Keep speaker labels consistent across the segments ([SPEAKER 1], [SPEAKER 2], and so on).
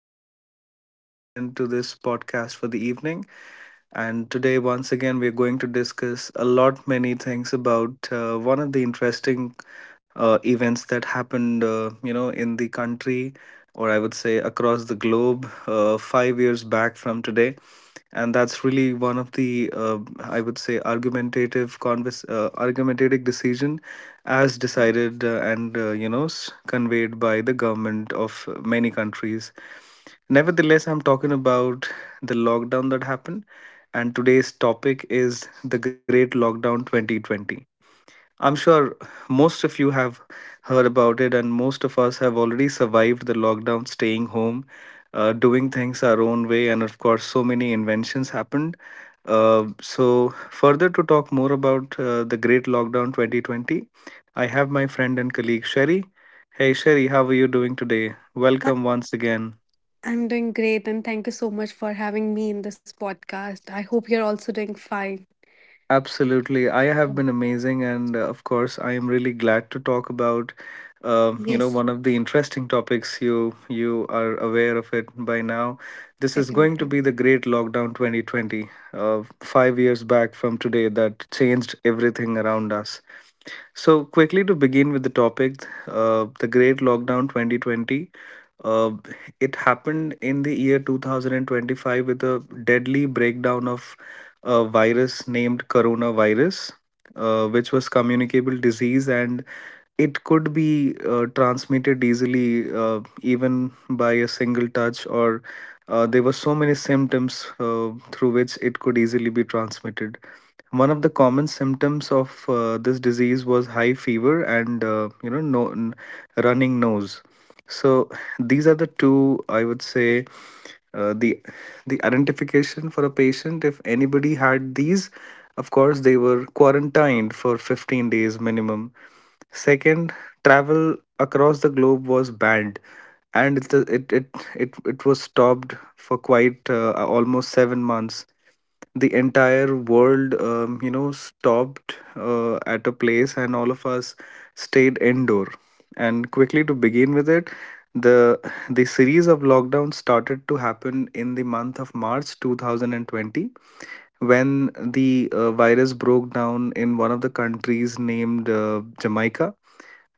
[SPEAKER 1] I welcome you all once again to this podcast for the evening. And today, once again, we're going to discuss a lot many things about one of the interesting events that happened, in the country, or I would say across the globe, 5 years back from today, and that's really one of the I would say argumentative convers argumentative decision as decided and you know s- conveyed by the government of many countries. Nevertheless, I'm talking about the lockdown that happened, and today's topic is the great lockdown 2020. I'm sure most of you have heard about it, and most of us have already survived the lockdown, staying home, doing things our own way, and of course, so many inventions happened. Further to talk more about the great lockdown 2020, I have my friend and colleague Sherry. Hey, Sherry, how are you doing today?
[SPEAKER 2] I-
[SPEAKER 1] Welcome once again.
[SPEAKER 2] am doing great, and thank you so much for having me in this podcast. I hope you're also doing fine.
[SPEAKER 1] Absolutely. I have been amazing. And of course, I am really glad to talk about,
[SPEAKER 2] Yes,
[SPEAKER 1] one of the interesting topics you are aware of it by now. This is going
[SPEAKER 2] definitely.
[SPEAKER 1] to be the great lockdown 2020, 5 years back from today that changed everything around us. So quickly to begin with the topic, the great lockdown 2020. It happened in the year 2025 with a deadly breakdown of a virus named coronavirus, which was communicable disease, and it could be transmitted easily, even by a single touch. Or there were so many symptoms through which it could easily be transmitted. One of the common symptoms of this disease was high fever and, you know no, n- running nose. So these are the two, I would say, uh, the the identification for a patient. If anybody had these, of course, they were quarantined for 15 days minimum. Second, travel across the globe was banned, and it was stopped for quite almost 7 months. The entire world stopped at a place, and all of us stayed indoor. And quickly to begin with it, the the series of lockdowns started to happen in the month of March 2020, when the virus broke down in one of the countries named Jamaica.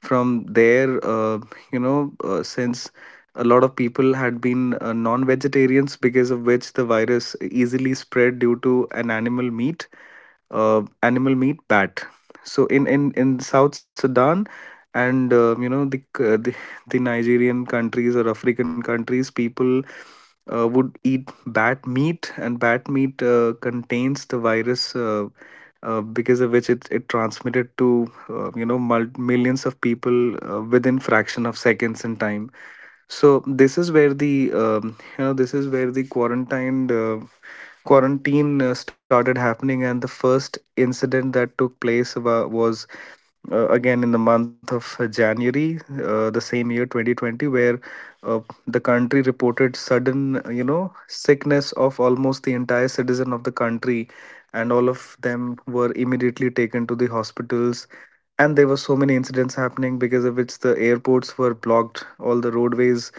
[SPEAKER 1] From there, since a lot of people had been non vegetarians, because of which the virus easily spread due to an animal meat bat. So in in South Sudan, and the Nigerian countries or African countries, people would eat bat meat, and bat meat contains the virus, because of which it transmitted to, millions of people within fraction of seconds in time. So this is where the this is where the quarantine started happening, and the first incident that took place was again in the month of January, the same year 2020, where uh, the country reported sudden, sickness of almost the entire citizen of the country, and all of them were immediately taken to the hospitals. And there were so many incidents happening, because of which the airports were blocked, all the roadways,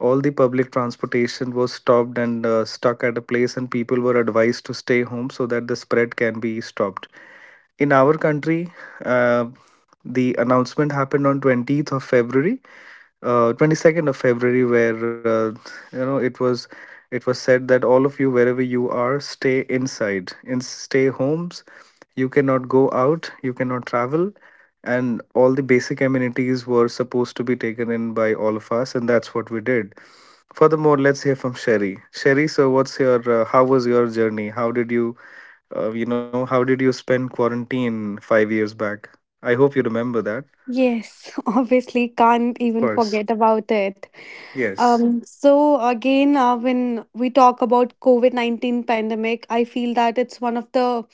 [SPEAKER 1] all the public transportation was stopped and stuck at a place, and people were advised to stay home so that the spread can be stopped. In our country, uh, the announcement happened on 20th of February, 22nd of February, where it was, it was said that all of you wherever you are, stay inside, in stay homes. You cannot go out, you cannot travel, and all the basic amenities were supposed to be taken in by all of us, and that's what we did. Furthermore, let's hear from Sherry. Sherry, so what's your how was your journey? How did you you know how did you spend quarantine 5 years back? I hope you remember that.
[SPEAKER 2] Yes, obviously, can't
[SPEAKER 1] Of
[SPEAKER 2] even
[SPEAKER 1] course.
[SPEAKER 2] forget about it.
[SPEAKER 1] Yes.
[SPEAKER 2] So again, when we talk about COVID-19 pandemic, I feel that it's one of the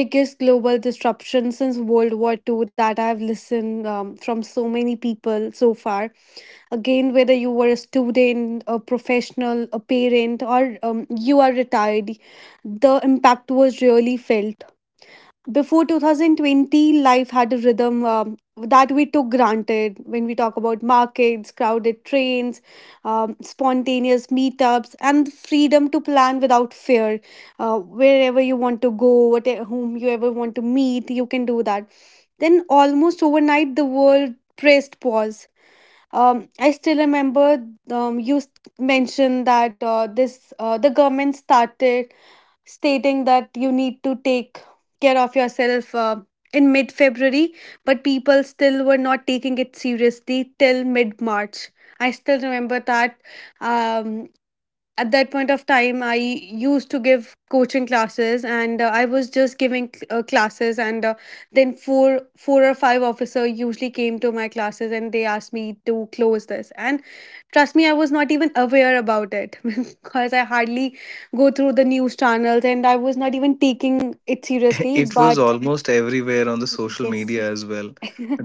[SPEAKER 2] biggest global disruption since World War Two that I've listened from so many people so far. Again, whether you were a student, a professional, a parent, or you are retired, the impact was really felt before 2020. Life had a rhythm that we took granted when we talk about markets, crowded trains, spontaneous meetups, and the freedom to plan without fear. Wherever you want to go, what whom you ever want to meet, you can do that. Then almost overnight, the world pressed pause. I still remember. You mentioned that this the government started stating that you need to take care of yourself in mid February, but people still were not taking it seriously till mid March. I still remember that um, at that point of time, I used to give coaching classes, and I was just giving classes, and then four or five officer usually came to my classes, and they asked me to close this. And trust me, I was not even aware about it because I hardly go through the news channels, and I was not even taking it seriously,
[SPEAKER 1] It was
[SPEAKER 2] but
[SPEAKER 1] almost everywhere on the social
[SPEAKER 2] yes.
[SPEAKER 1] media as well.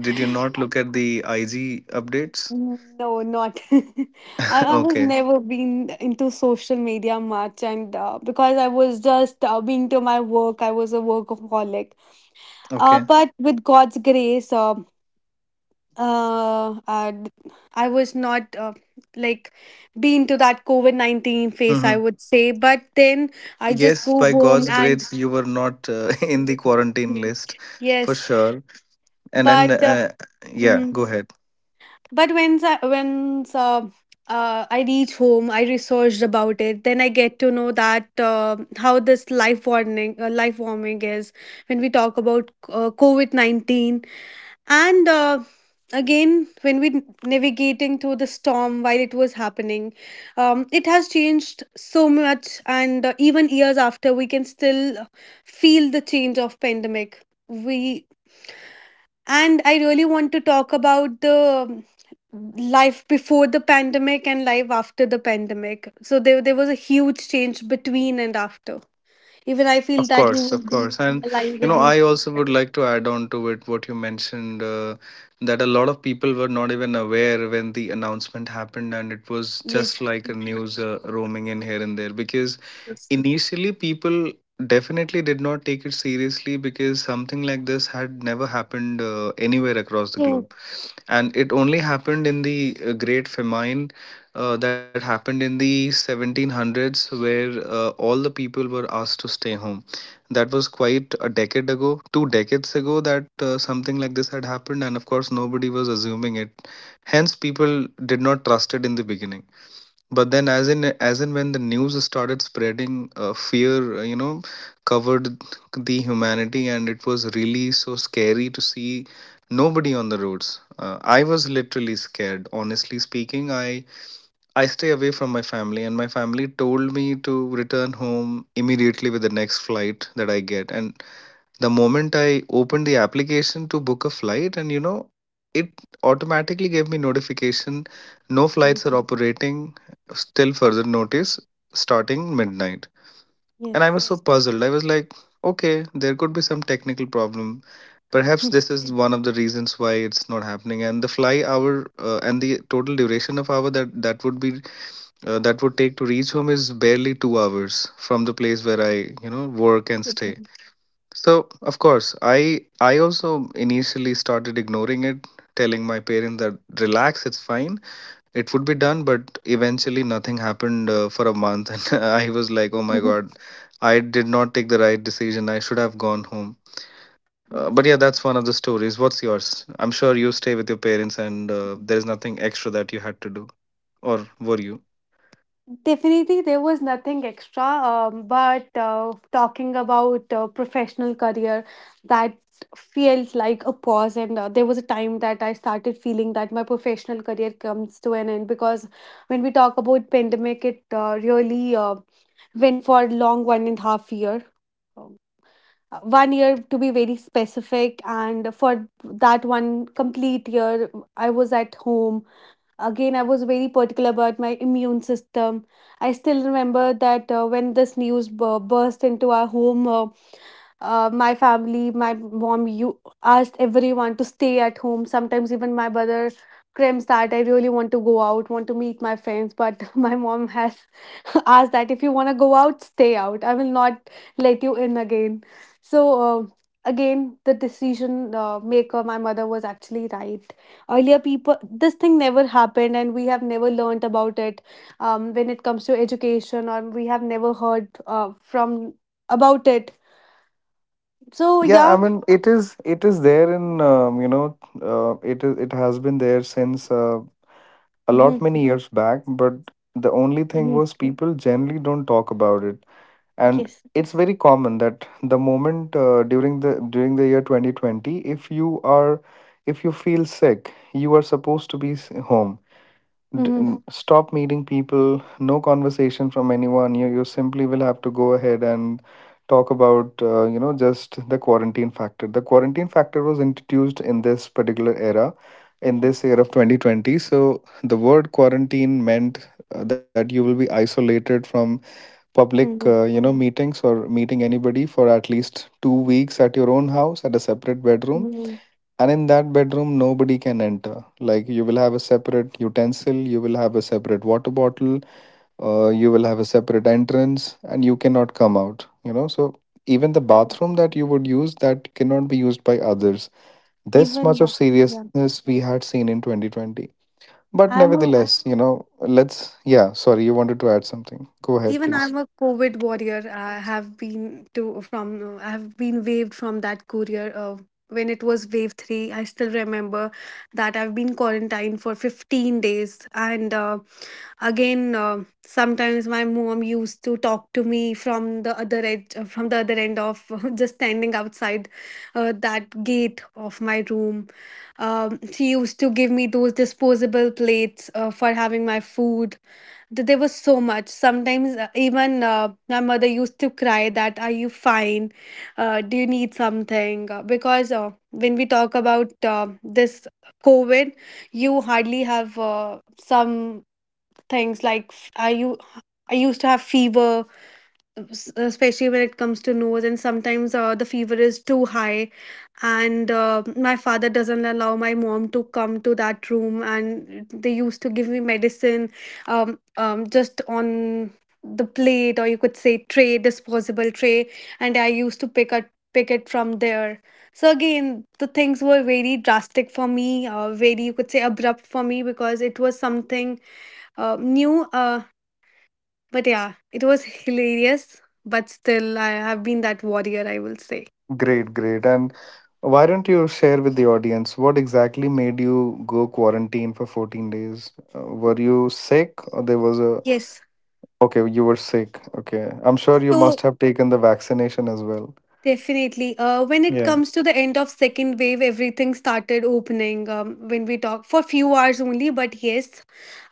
[SPEAKER 1] Did you not look at the IG updates?
[SPEAKER 2] Mm, no, not. I was
[SPEAKER 1] Okay.
[SPEAKER 2] never been into social media much, and because I was just being to my work, I was a workaholic.
[SPEAKER 1] Okay.
[SPEAKER 2] But with God's grace, uh, uh, I was not like being to that COVID 19 phase,
[SPEAKER 1] Hmm.
[SPEAKER 2] I would say. But then I just
[SPEAKER 1] Yes,
[SPEAKER 2] go
[SPEAKER 1] by
[SPEAKER 2] home
[SPEAKER 1] God's
[SPEAKER 2] and
[SPEAKER 1] grace, you were not in the quarantine list for
[SPEAKER 2] yes,
[SPEAKER 1] sure. And then,
[SPEAKER 2] but
[SPEAKER 1] yeah, go ahead.
[SPEAKER 2] but when I reach home, I researched about it. Then I get to know that how this life warming is when we talk about COVID 19, and again when we navigating through the storm while it was happening, it has changed so much, and even years after, we can still feel the change of pandemic. We and I really want to talk about the life before the pandemic and life after the pandemic. So there was a huge change between and after. Even I feel
[SPEAKER 1] Of
[SPEAKER 2] that you
[SPEAKER 1] course,
[SPEAKER 2] will
[SPEAKER 1] of
[SPEAKER 2] be.
[SPEAKER 1] course. Mhm. And, you know, I also would like to add on to it what you mentioned, that a lot of people were not even aware when the announcement happened, and it was just like a news roaming in here and there, because initially people definitely did not take it seriously, because something like this had never happened anywhere across the globe, and it only happened in the great famine that happened in the 1700s, where all the people were asked to stay home. That was quite a decade ago, two decades ago, that something like this had happened, and of course, nobody was assuming it. Hence, people did not trust it in the beginning. But then, as in when the news started spreading, fear, covered the humanity, and it was really so scary to see nobody on the roads. I was literally scared, honestly speaking. I stay away from my family, and my family told me to return home immediately with the next flight that I get. And the moment I opened the application to book a flight, and you know, it automatically gave me notification no flights are operating still further notice starting midnight. And I
[SPEAKER 2] Yes.
[SPEAKER 1] was so puzzled. I was like, okay, there could be some technical problem. Perhaps
[SPEAKER 2] Yes.
[SPEAKER 1] this is one of the reasons why it's not happening. And the fly hour and the total duration of hour that would be that would take to reach home is barely 2 hours from the place where I, you know, work and stay.
[SPEAKER 2] Okay.
[SPEAKER 1] So of course, I also initially started ignoring it, telling my parents that relax, it's fine, it would be done. But eventually, nothing happened for a month, and I was like, oh my god, I did not take the right decision. I should have gone home. But yeah,
[SPEAKER 2] Yes.
[SPEAKER 1] that's one of the stories. What's yours? I'm sure you stay with your parents, and there is nothing extra that you had to do, or were you?
[SPEAKER 2] Definitely, there was nothing extra, but talking about professional career, that felt like a pause. And there was a time that I started feeling that my professional career comes to an end because when we talk about pandemic, it really went for a long 1.5 year. Um, 1 year to be very specific, and for that one complete year, I was at home. Again, I was very particular about my immune system. I still remember that when this burst into our home, my family, my mom, you asked everyone to stay at home. Sometimes even my brother crimps that I really want to go out, want to meet my friends, but my mom has asked that if you want to go out, stay out. I will not let you in again. So uh, again, the decision maker, my mother was actually right. Earlier, people, this thing never happened, and we have never learnt about it when it comes to education, or we have never heard from about it, so
[SPEAKER 1] Yeah, I
[SPEAKER 2] yeah.
[SPEAKER 1] mean it is there in, it is it has been there since a
[SPEAKER 2] Mm-hmm.
[SPEAKER 1] lot many years back, but the only thing
[SPEAKER 2] Hmm.
[SPEAKER 1] was people generally don't talk about it, and
[SPEAKER 2] Yes.
[SPEAKER 1] it's very common that the moment during the year 2020, if you are if you feel sick, you are supposed to be home.
[SPEAKER 2] Mm-hmm.
[SPEAKER 1] Stop meeting people, no conversation from anyone. You simply will have to go ahead and talk about, just the quarantine factor. The quarantine factor was introduced in this particular era, in
[SPEAKER 2] Yes.
[SPEAKER 1] this year of 2020. So the word quarantine meant that you will be isolated from public,
[SPEAKER 2] Mm-hmm.
[SPEAKER 1] meetings or meeting anybody for at least 2 weeks at your own house at a separate bedroom,
[SPEAKER 2] Mm-hmm.
[SPEAKER 1] and in that bedroom nobody can enter. Like you will have a separate utensil, you will have a separate water bottle, you will have a separate entrance, and you cannot come out, you know. So even the bathroom that you would use, that cannot be used by others. This
[SPEAKER 2] Even
[SPEAKER 1] much of
[SPEAKER 2] now. Yeah.
[SPEAKER 1] seriousness we had seen in 2020. But
[SPEAKER 2] I'm a
[SPEAKER 1] nevertheless, you know, let's yeah, sorry, you wanted to add something, go ahead
[SPEAKER 2] Even
[SPEAKER 1] please.
[SPEAKER 2] I'm a COVID warrior. I have been waived from that courier, when it was wave 3. I still remember that I've been quarantined for 15 days. And again, sometimes my mom used to talk to me from the other edge from the other end of just standing outside that gate of my room. She used to give me those disposable plates for having my food. There was so much. Sometimes even my mother used to cry that are you fine, do you need something? Because when we talk about this COVID, you hardly have some things like I used to have fever, especially when it comes to nose, and sometimes the fever is too high, and my father doesn't allow my mom to come to that room, and they used to give me medicine, just on the plate, or you could say tray, disposable tray, and I used to pick it from there. So again, the things were very drastic for me, very you could say abrupt for me because it was something new, but yeah, it was hilarious. But still, I have been that warrior, I will say.
[SPEAKER 1] Great, great. And why don't you share with the audience what exactly made you go quarantine for 14 days? Were you sick or there was a.
[SPEAKER 2] Yes.
[SPEAKER 1] Okay, you were sick. Okay. I'm sure you
[SPEAKER 2] So
[SPEAKER 1] must have taken the vaccination as well.
[SPEAKER 2] definitely, when it
[SPEAKER 1] Yeah.
[SPEAKER 2] comes to the end of second wave, everything started opening. When we talk for few hours only, but yes,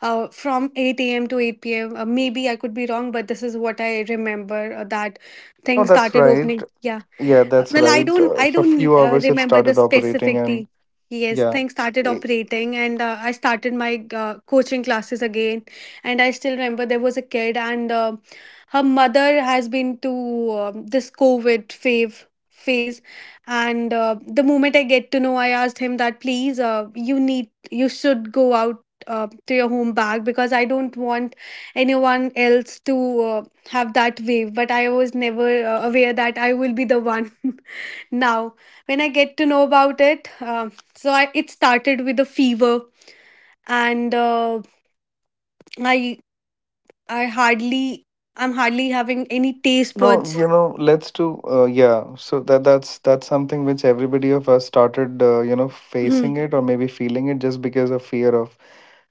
[SPEAKER 2] from 8 a.m. to 8 p.m. Maybe I could be wrong, but this is what I remember that
[SPEAKER 1] No,
[SPEAKER 2] things
[SPEAKER 1] that's
[SPEAKER 2] started
[SPEAKER 1] right.
[SPEAKER 2] opening. Yeah.
[SPEAKER 1] Yeah, that's
[SPEAKER 2] Well, I
[SPEAKER 1] right.
[SPEAKER 2] don't, I
[SPEAKER 1] For a
[SPEAKER 2] don't
[SPEAKER 1] few
[SPEAKER 2] uh,
[SPEAKER 1] hours it
[SPEAKER 2] remember the
[SPEAKER 1] started operating and
[SPEAKER 2] specifically. Yes,
[SPEAKER 1] yeah.
[SPEAKER 2] things started operating, and I started my coaching classes again. And I still remember there was a kid, and her mother has been to this COVID fave phase. And the moment I get to know, I asked him that please, you should go out. To your home back because I don't want anyone else to have that wave, but I was never aware that I will be the one now. When I get to know about it, so it started with a fever, and I I hardly I'm hardly having any taste
[SPEAKER 1] No,
[SPEAKER 2] buds.
[SPEAKER 1] you know, let's do yeah. So that's something which everybody of us started,
[SPEAKER 2] Mhm.
[SPEAKER 1] facing it or maybe feeling it just because of fear of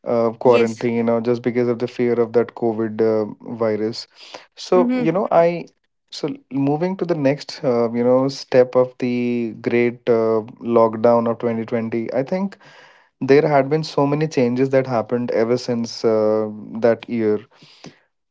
[SPEAKER 2] Yes.
[SPEAKER 1] quarantine or just because of the fear of that COVID virus. So, you
[SPEAKER 2] Mm-hmm.
[SPEAKER 1] know, I so moving to the next, step of the great lockdown of 2020, I think there had been so many changes that happened ever since that year.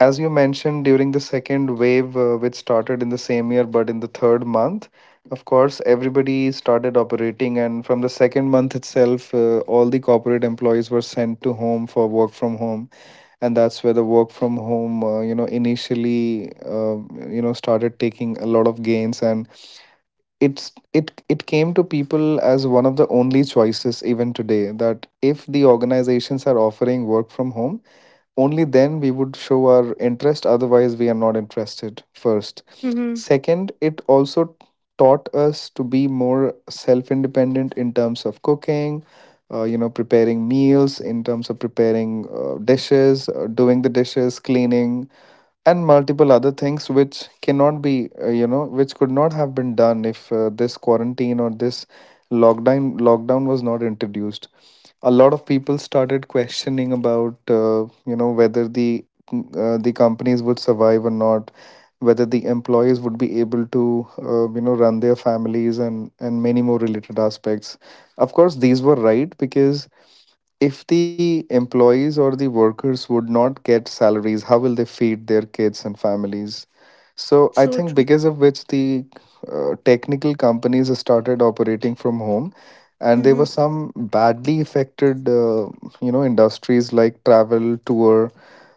[SPEAKER 1] As you mentioned, during the second wave, which started in the same year but in the third month, of course everybody started operating, and from the second month itself, all the corporate employees were sent to home for work from home. And that's where the work from home, initially, started taking a lot of gains, and it's it it came to people as one of the only choices even today, that if the organizations are offering work from home, only then we would show our interest, otherwise we are not interested. First,
[SPEAKER 2] Mm-hmm.
[SPEAKER 1] second, it also taught us to be more self independent in terms of cooking, preparing meals, in terms of preparing dishes, doing the dishes, cleaning, and multiple other things which cannot be you know which could not have been done if this quarantine or this lockdown was not introduced. A lot of people started questioning about, whether the, the companies would survive or not, whether the employees would be able to, run their families, and many more related aspects. Of course these were right, because if the employees or the workers would not get salaries, how will they feed their kids and families? So I
[SPEAKER 2] So
[SPEAKER 1] think,
[SPEAKER 2] true.
[SPEAKER 1] because of which the technical companies started operating from home, and there were
[SPEAKER 2] Mm-hmm.
[SPEAKER 1] some badly affected, industries like travel, tour,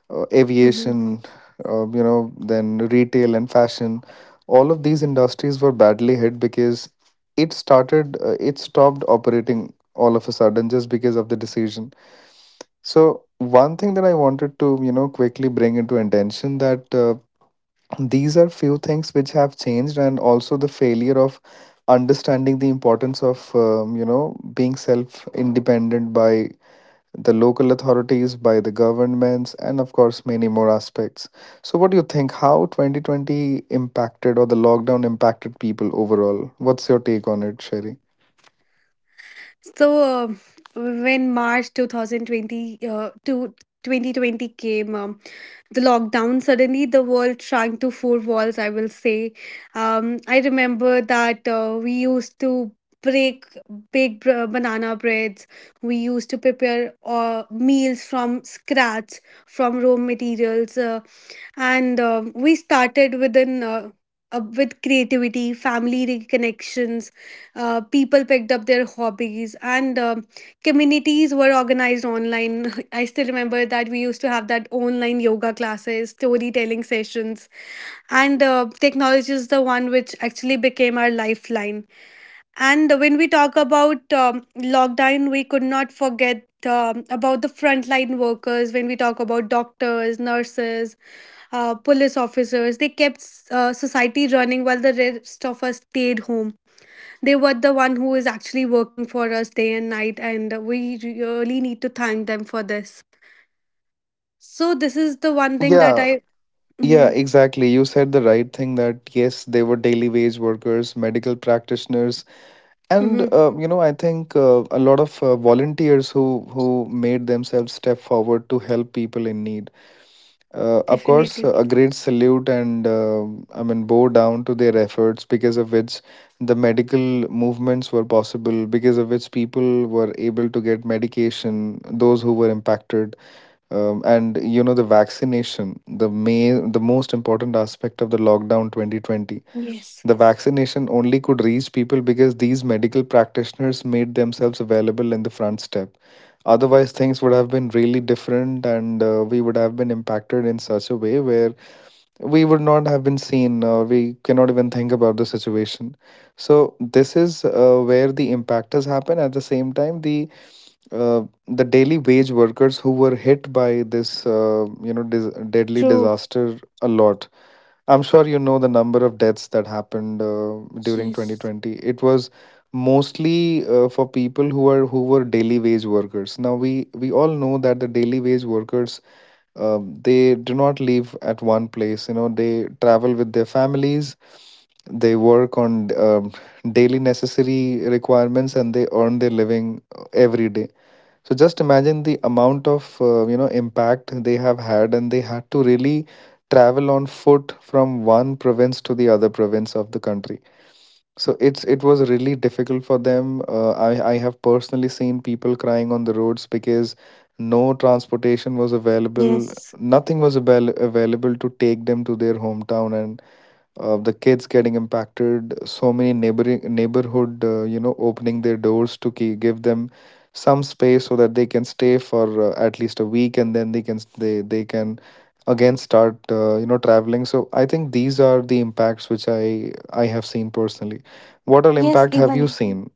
[SPEAKER 2] Mm-hmm.
[SPEAKER 1] aviation, then retail and fashion. All of these industries were badly hit because it stopped operating all of a sudden, just because of the decision. So one thing that I wanted to, you know, quickly bring into attention, that these are few things which have changed, and also the failure of understanding the importance of, being self independent, by the local authorities, by the governments, and of course many more aspects. So what do you think, how 2020 impacted, or the lockdown impacted people overall? What's your take on it, Sherry?
[SPEAKER 2] So when March 2020 to 2020 came. The lockdown suddenly the world shrunk to four walls, I will say. I remember that we used to break big banana breads. We used to prepare meals from scratch, from raw materials, and we started with creativity, family reconnections. People picked up their hobbies, and communities were organized online. I still remember that we used to have that online yoga classes, storytelling sessions. And technology is the one which actually became our lifeline. And when we talk about lockdown, we could not forget about the frontline workers, when we talk about doctors, nurses, police officers. They kept society running while the rest of us stayed home. They were the one who is actually working for us day and night, and we really need to thank them for this. So this is the one thing that
[SPEAKER 1] Yeah.
[SPEAKER 2] I.
[SPEAKER 1] Yeah,
[SPEAKER 2] hmm
[SPEAKER 1] exactly. You said the right thing, that yes, they were daily wage workers, medical practitioners, and,
[SPEAKER 2] hmm
[SPEAKER 1] I think a lot of volunteers who made themselves step forward to help people in need. Of course,
[SPEAKER 2] Definitely.
[SPEAKER 1] a great salute, and, um, I mean, bow down to their efforts, because of which the medical movements were possible, because of which people were able to get medication, those who were impacted. And you know, the vaccination, the may, the most important aspect of the lockdown 2020.
[SPEAKER 2] Yes.
[SPEAKER 1] The vaccination only could reach people because these medical practitioners made themselves available in the front step. Otherwise, things would have been really different, and we would have been impacted in such a way where we would not have been seen, or we cannot even think about the situation. So, this is where the impactors happen. At the same time, the daily wage workers who were hit by this, deadly disaster a lot. I'm sure you know the number of deaths that happened during 2020. It was mostly for people who are who were daily wage workers. Now we all know that the daily wage workers, they do not live at one place. You know, they travel with their families. They work on, daily necessary requirements, and they earn their living every day. So just imagine the amount of, impact they have had, and they had to really travel on foot from one province to the other province of the country. So it was really difficult for them. I have personally seen people crying on the roads because no transportation was available.
[SPEAKER 2] Yes.
[SPEAKER 1] Nothing was available to take them to their hometown, and the kids getting impacted. So many neighboring neighborhood, opening their doors to ki give them some space, so that they can stay for at least a week, and then they can they can again start, traveling. So I think these are the impacts which I have seen personally. What all impact have you seen,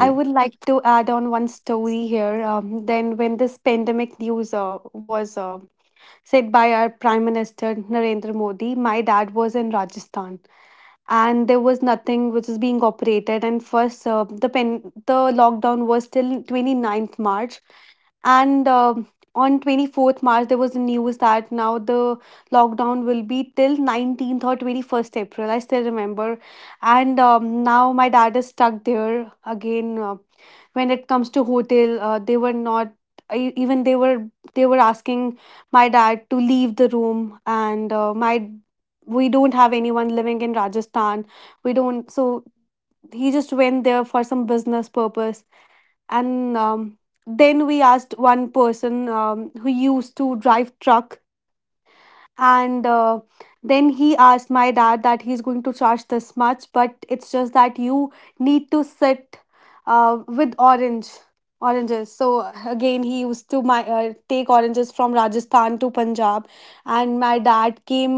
[SPEAKER 2] I would like to add on one story here. Then, when this pandemic news was said by our Prime Minister Narendra Modi, my dad was in Rajasthan, and there was nothing which is being operated. And first, the lockdown was till twenty ninth March. And on 24th March, there was a news that now the lockdown will be till 19th or 21st April, I still remember. And now my dad is stuck there again. When it comes to hotel, they were not. Even they were asking my dad to leave the room. And my we don't have anyone living in Rajasthan. We don't. So he just went there for some business purpose. And then we asked one person, who used to drive truck. And then he asked my dad that he's going to charge this much, but it's just that you need to sit with oranges. So again, he used to my take oranges from Rajasthan to Punjab. And my dad came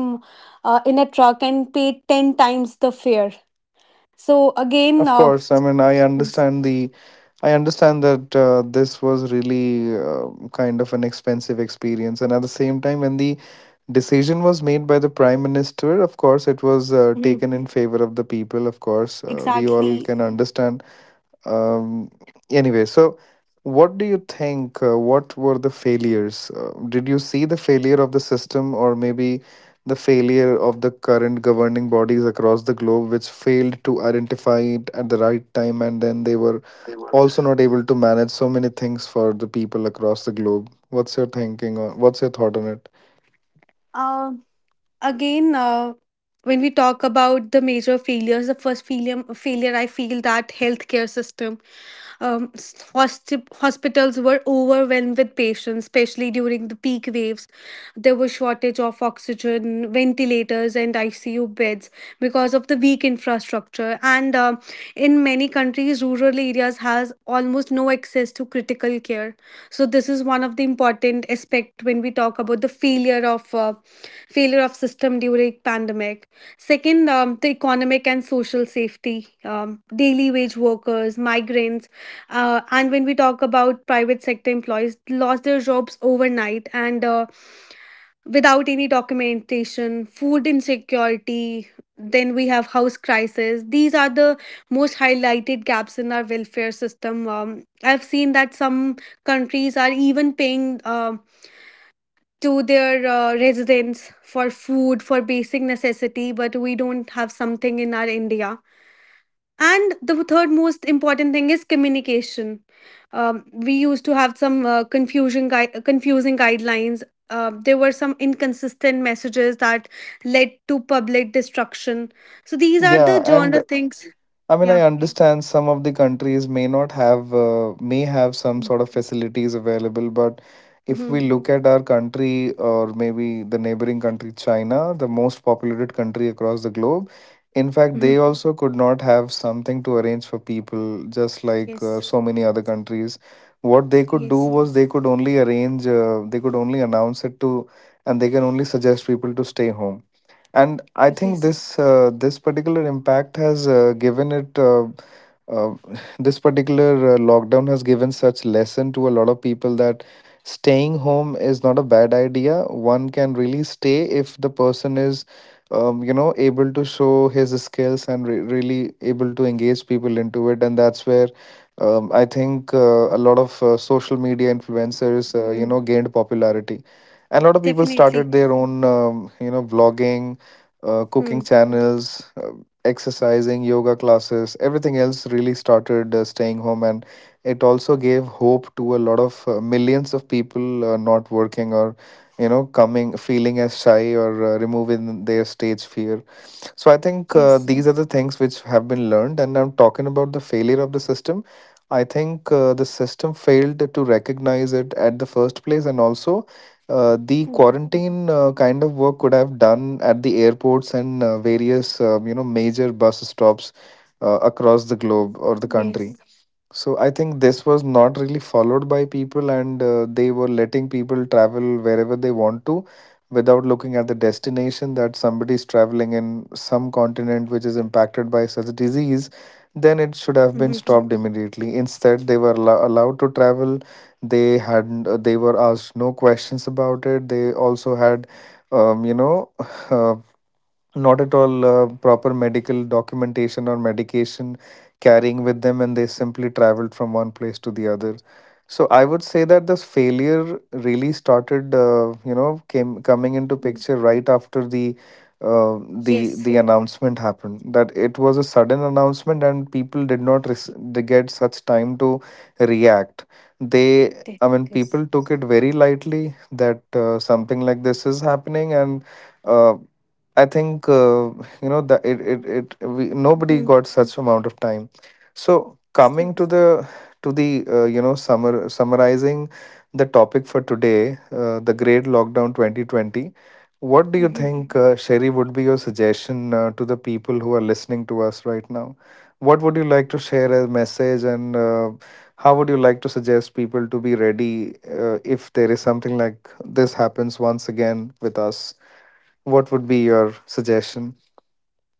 [SPEAKER 2] in a truck and paid 10 times the fare. So again.
[SPEAKER 1] Of course, I mean, I understand the I understand that this was really kind of an expensive experience, and at the same time, when the decision was made by the prime minister, of course, it was taken in favor of the people. Of course, we all
[SPEAKER 2] Exactly.
[SPEAKER 1] can, yes, understand. Um, anyway, so what do you think, what were the failures? Did you see the failure of the system, or maybe the failure of the current governing bodies across the globe, which failed to identify it at the right time, and then they were also not able to manage so many things for the people across the globe? What's your thought on it?
[SPEAKER 2] uh, Again, when we talk about the major failures, the first failure, I feel that healthcare system. Hospitals were overwhelmed with patients, especially during the peak waves. There was shortage of oxygen, ventilators, and ICU beds because of the weak infrastructure. And in many countries, rural areas has almost no access to critical care. So this is one of the important aspect when we talk about the failure of system during pandemic. Second, the economic and social safety, daily wage workers, migrants, and when we talk about private sector employees, lost their jobs overnight, and without any documentation, food insecurity, then we have house crisis. These are the most highlighted gaps in our welfare system. I've seen that some countries are even paying to their residents for food, for basic necessity, but we don't have something in our India. And the third most important thing is communication. We used to have some confusing guidelines. There were some inconsistent messages that led to public destruction. So these are
[SPEAKER 1] Yeah.
[SPEAKER 2] the genre
[SPEAKER 1] And
[SPEAKER 2] things.
[SPEAKER 1] I mean,
[SPEAKER 2] Yeah.
[SPEAKER 1] I understand some of the countries may not have, may have some sort of facilities available, but if
[SPEAKER 2] Mm-hmm.
[SPEAKER 1] we look at our country, or maybe the neighboring country, China, the most populated country across the globe, in fact,
[SPEAKER 2] Mm-hmm.
[SPEAKER 1] they also could not have something to arrange for people, just like so many other countries. What they could do was they could only arrange, they could only announce it to, and they can only suggest people to stay home. And I think this, this particular impact has given it uh, this particular lockdown has given such lesson to a lot of people, that staying home is not a bad idea. One can really stay if the person is, you know, able to show his skills, and really able to engage people into it. And that's where, I think a lot of social media influencers, gained popularity, and a lot of people started their own, vlogging,
[SPEAKER 2] Mm-hmm.
[SPEAKER 1] cooking channels, exercising, yoga classes, everything else really started, staying home. And it also gave hope to a lot of, millions of people not working, or you know, coming, feeling as shy, or removing their stage fear. So I think these are the things which have been learned. And I'm talking about the failure of the system. I think the system failed to recognize it at the first place, and also the quarantine kind of work could have done at the airports, and various, major bus stops across the globe or the country. So I think this was not really followed by people, and they were letting people travel wherever they want to, without looking at the destination, that somebody is traveling in some continent which is impacted by such a disease, then it should have been stopped immediately. Instead, they were allowed to travel. They had, they were asked no questions about it. They also had, um, you know, uh, not at all proper medical documentation or medication carrying with them, and they simply traveled from one place to the other. So I would say that this failure really started, came coming into picture right after the announcement happened. That it was a sudden announcement, and people did not they get such time to react. They i mean, people took it very lightly, that something like this is happening, and uh. I think that nobody got such amount of time. So, coming to the, to the, summer summarizing the topic for today, the Great Lockdown 2020. What do you
[SPEAKER 2] Mm-hmm.
[SPEAKER 1] think, Sherry, would be your suggestion to the people who are listening to us right now? What would you like to share as message, and how would you like to suggest people to be ready if there is something like this happens once again with us? What would be your suggestion?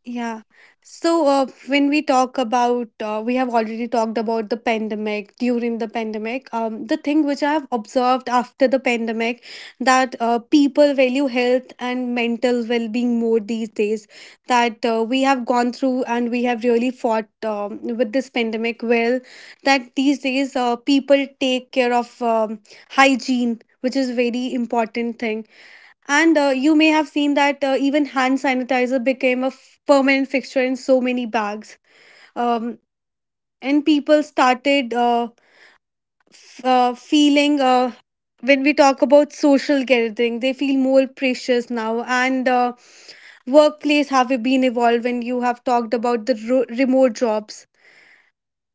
[SPEAKER 2] Yeah. So, when we talk about, we have already talked about the pandemic, during the pandemic. The thing which I have observed after the pandemic, that people value health and mental well-being more these days. That we have gone through and we have really fought with this pandemic well. That these days, people take care of hygiene, which is very important thing. And you may have seen that even hand sanitizer became a permanent fixture in so many bags. Um, and people started feeling, when we talk about social gathering, they feel more precious now. And workplace have been evolved when you have talked about the remote jobs.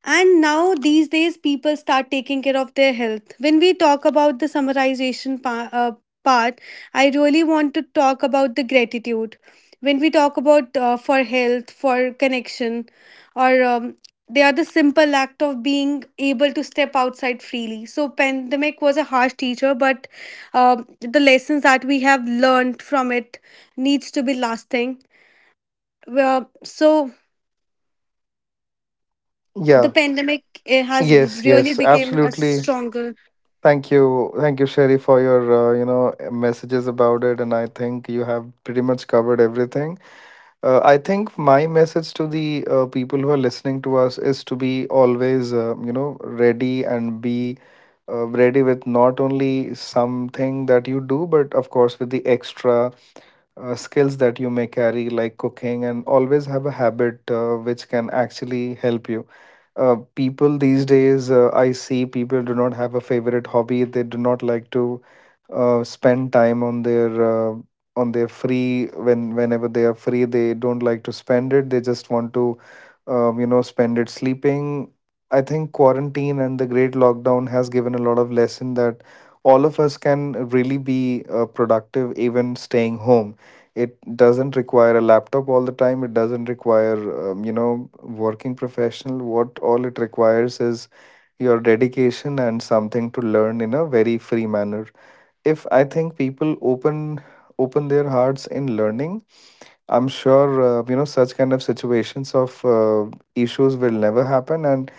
[SPEAKER 2] And now, these days, people start taking care of their health. When we talk about the summarization part, I really want to talk about the gratitude. When we talk about for health, for connection, or they are the simple act of being able to step outside freely. So, pandemic was a harsh teacher, but the lessons that we have learned from it needs to be lasting. Well, so the
[SPEAKER 1] Yeah.
[SPEAKER 2] pandemic has
[SPEAKER 1] Yes,
[SPEAKER 2] really
[SPEAKER 1] yes,
[SPEAKER 2] became a
[SPEAKER 1] absolutely.
[SPEAKER 2] stronger.
[SPEAKER 1] Thank you. Thank you, Sherry, for your, messages about it. And I think you have pretty much covered everything. I think my message to the people who are listening to us, is to be always, ready, and be ready with not only something that you do, but of course, with the extra skills that you may carry, like cooking, and always have a habit which can actually help you. People these days, I see people do not have a favorite hobby. They do not like to spend time on their, uh, on their free, when whenever they are free. They don't like to spend it. They just want to, spend it sleeping. I think quarantine and the great lockdown has given a lot of lesson, that all of us can really be productive even staying home. It doesn't require a laptop all the time, it doesn't require, working professional. What all it requires is your dedication, and something to learn in a very free manner. If I think people open, open their hearts in learning, I'm sure, such kind of situations of, issues will never happen, and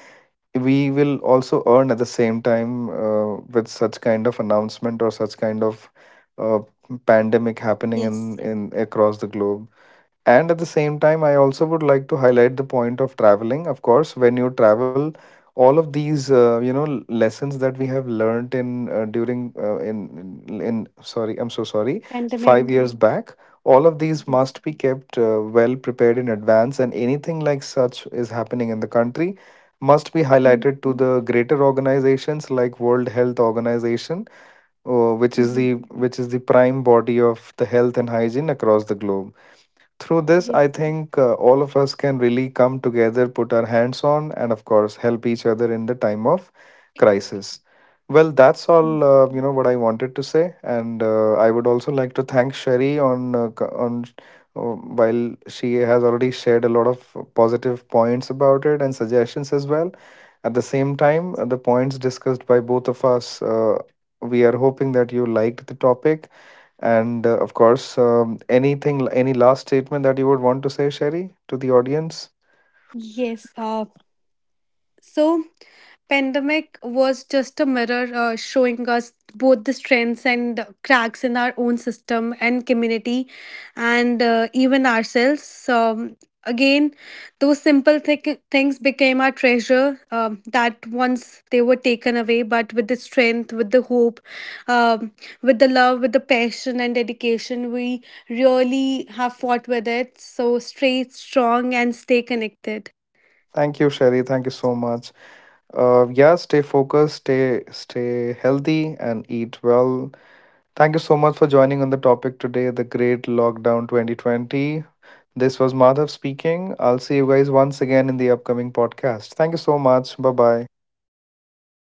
[SPEAKER 1] we will also earn at the same time, with such kind of announcement or such kind of uh, pandemic happening in across the globe. And at the same time, I also would like to highlight the point of traveling. Of course, when you travel, all of these, lessons that we have learned in during in- sorry, I'm so sorry, 5 years back. All of these must be kept well prepared in advance, and anything like such is happening in the country must be highlighted to the greater organizations, like World Health Organization, which is the, which is the prime body of the health and hygiene across the globe. Through this, I think all of us can really come together, put our hands on, and of course, help each other in the time of crisis. Well, that's all, what I wanted to say, and I would also like to thank Sherry on, uh, while she has already shared a lot of positive points about it, and suggestions as well. At the same time, the points discussed by both of us, we are hoping that you liked the topic, and of course, anything, any last statement that you would want to say, Sherry, to the audience?
[SPEAKER 2] Yes. So pandemic was just a mirror showing us both the strengths and cracks in our own system and community, and even ourselves. Again, those simple things became our treasure, that once they were taken away, but with the strength, with the hope, um, with the love, with the passion and dedication, we really have fought with it. So stay strong and stay connected.
[SPEAKER 1] Thank you, Sherry. Thank you so much. Yeah, stay focused, stay healthy, and eat well. Thank you so much for joining on the topic today, the Great Lockdown 2020. This was Madhav speaking. I'll see you guys once again in the upcoming podcast. Thank you so much. Bye bye.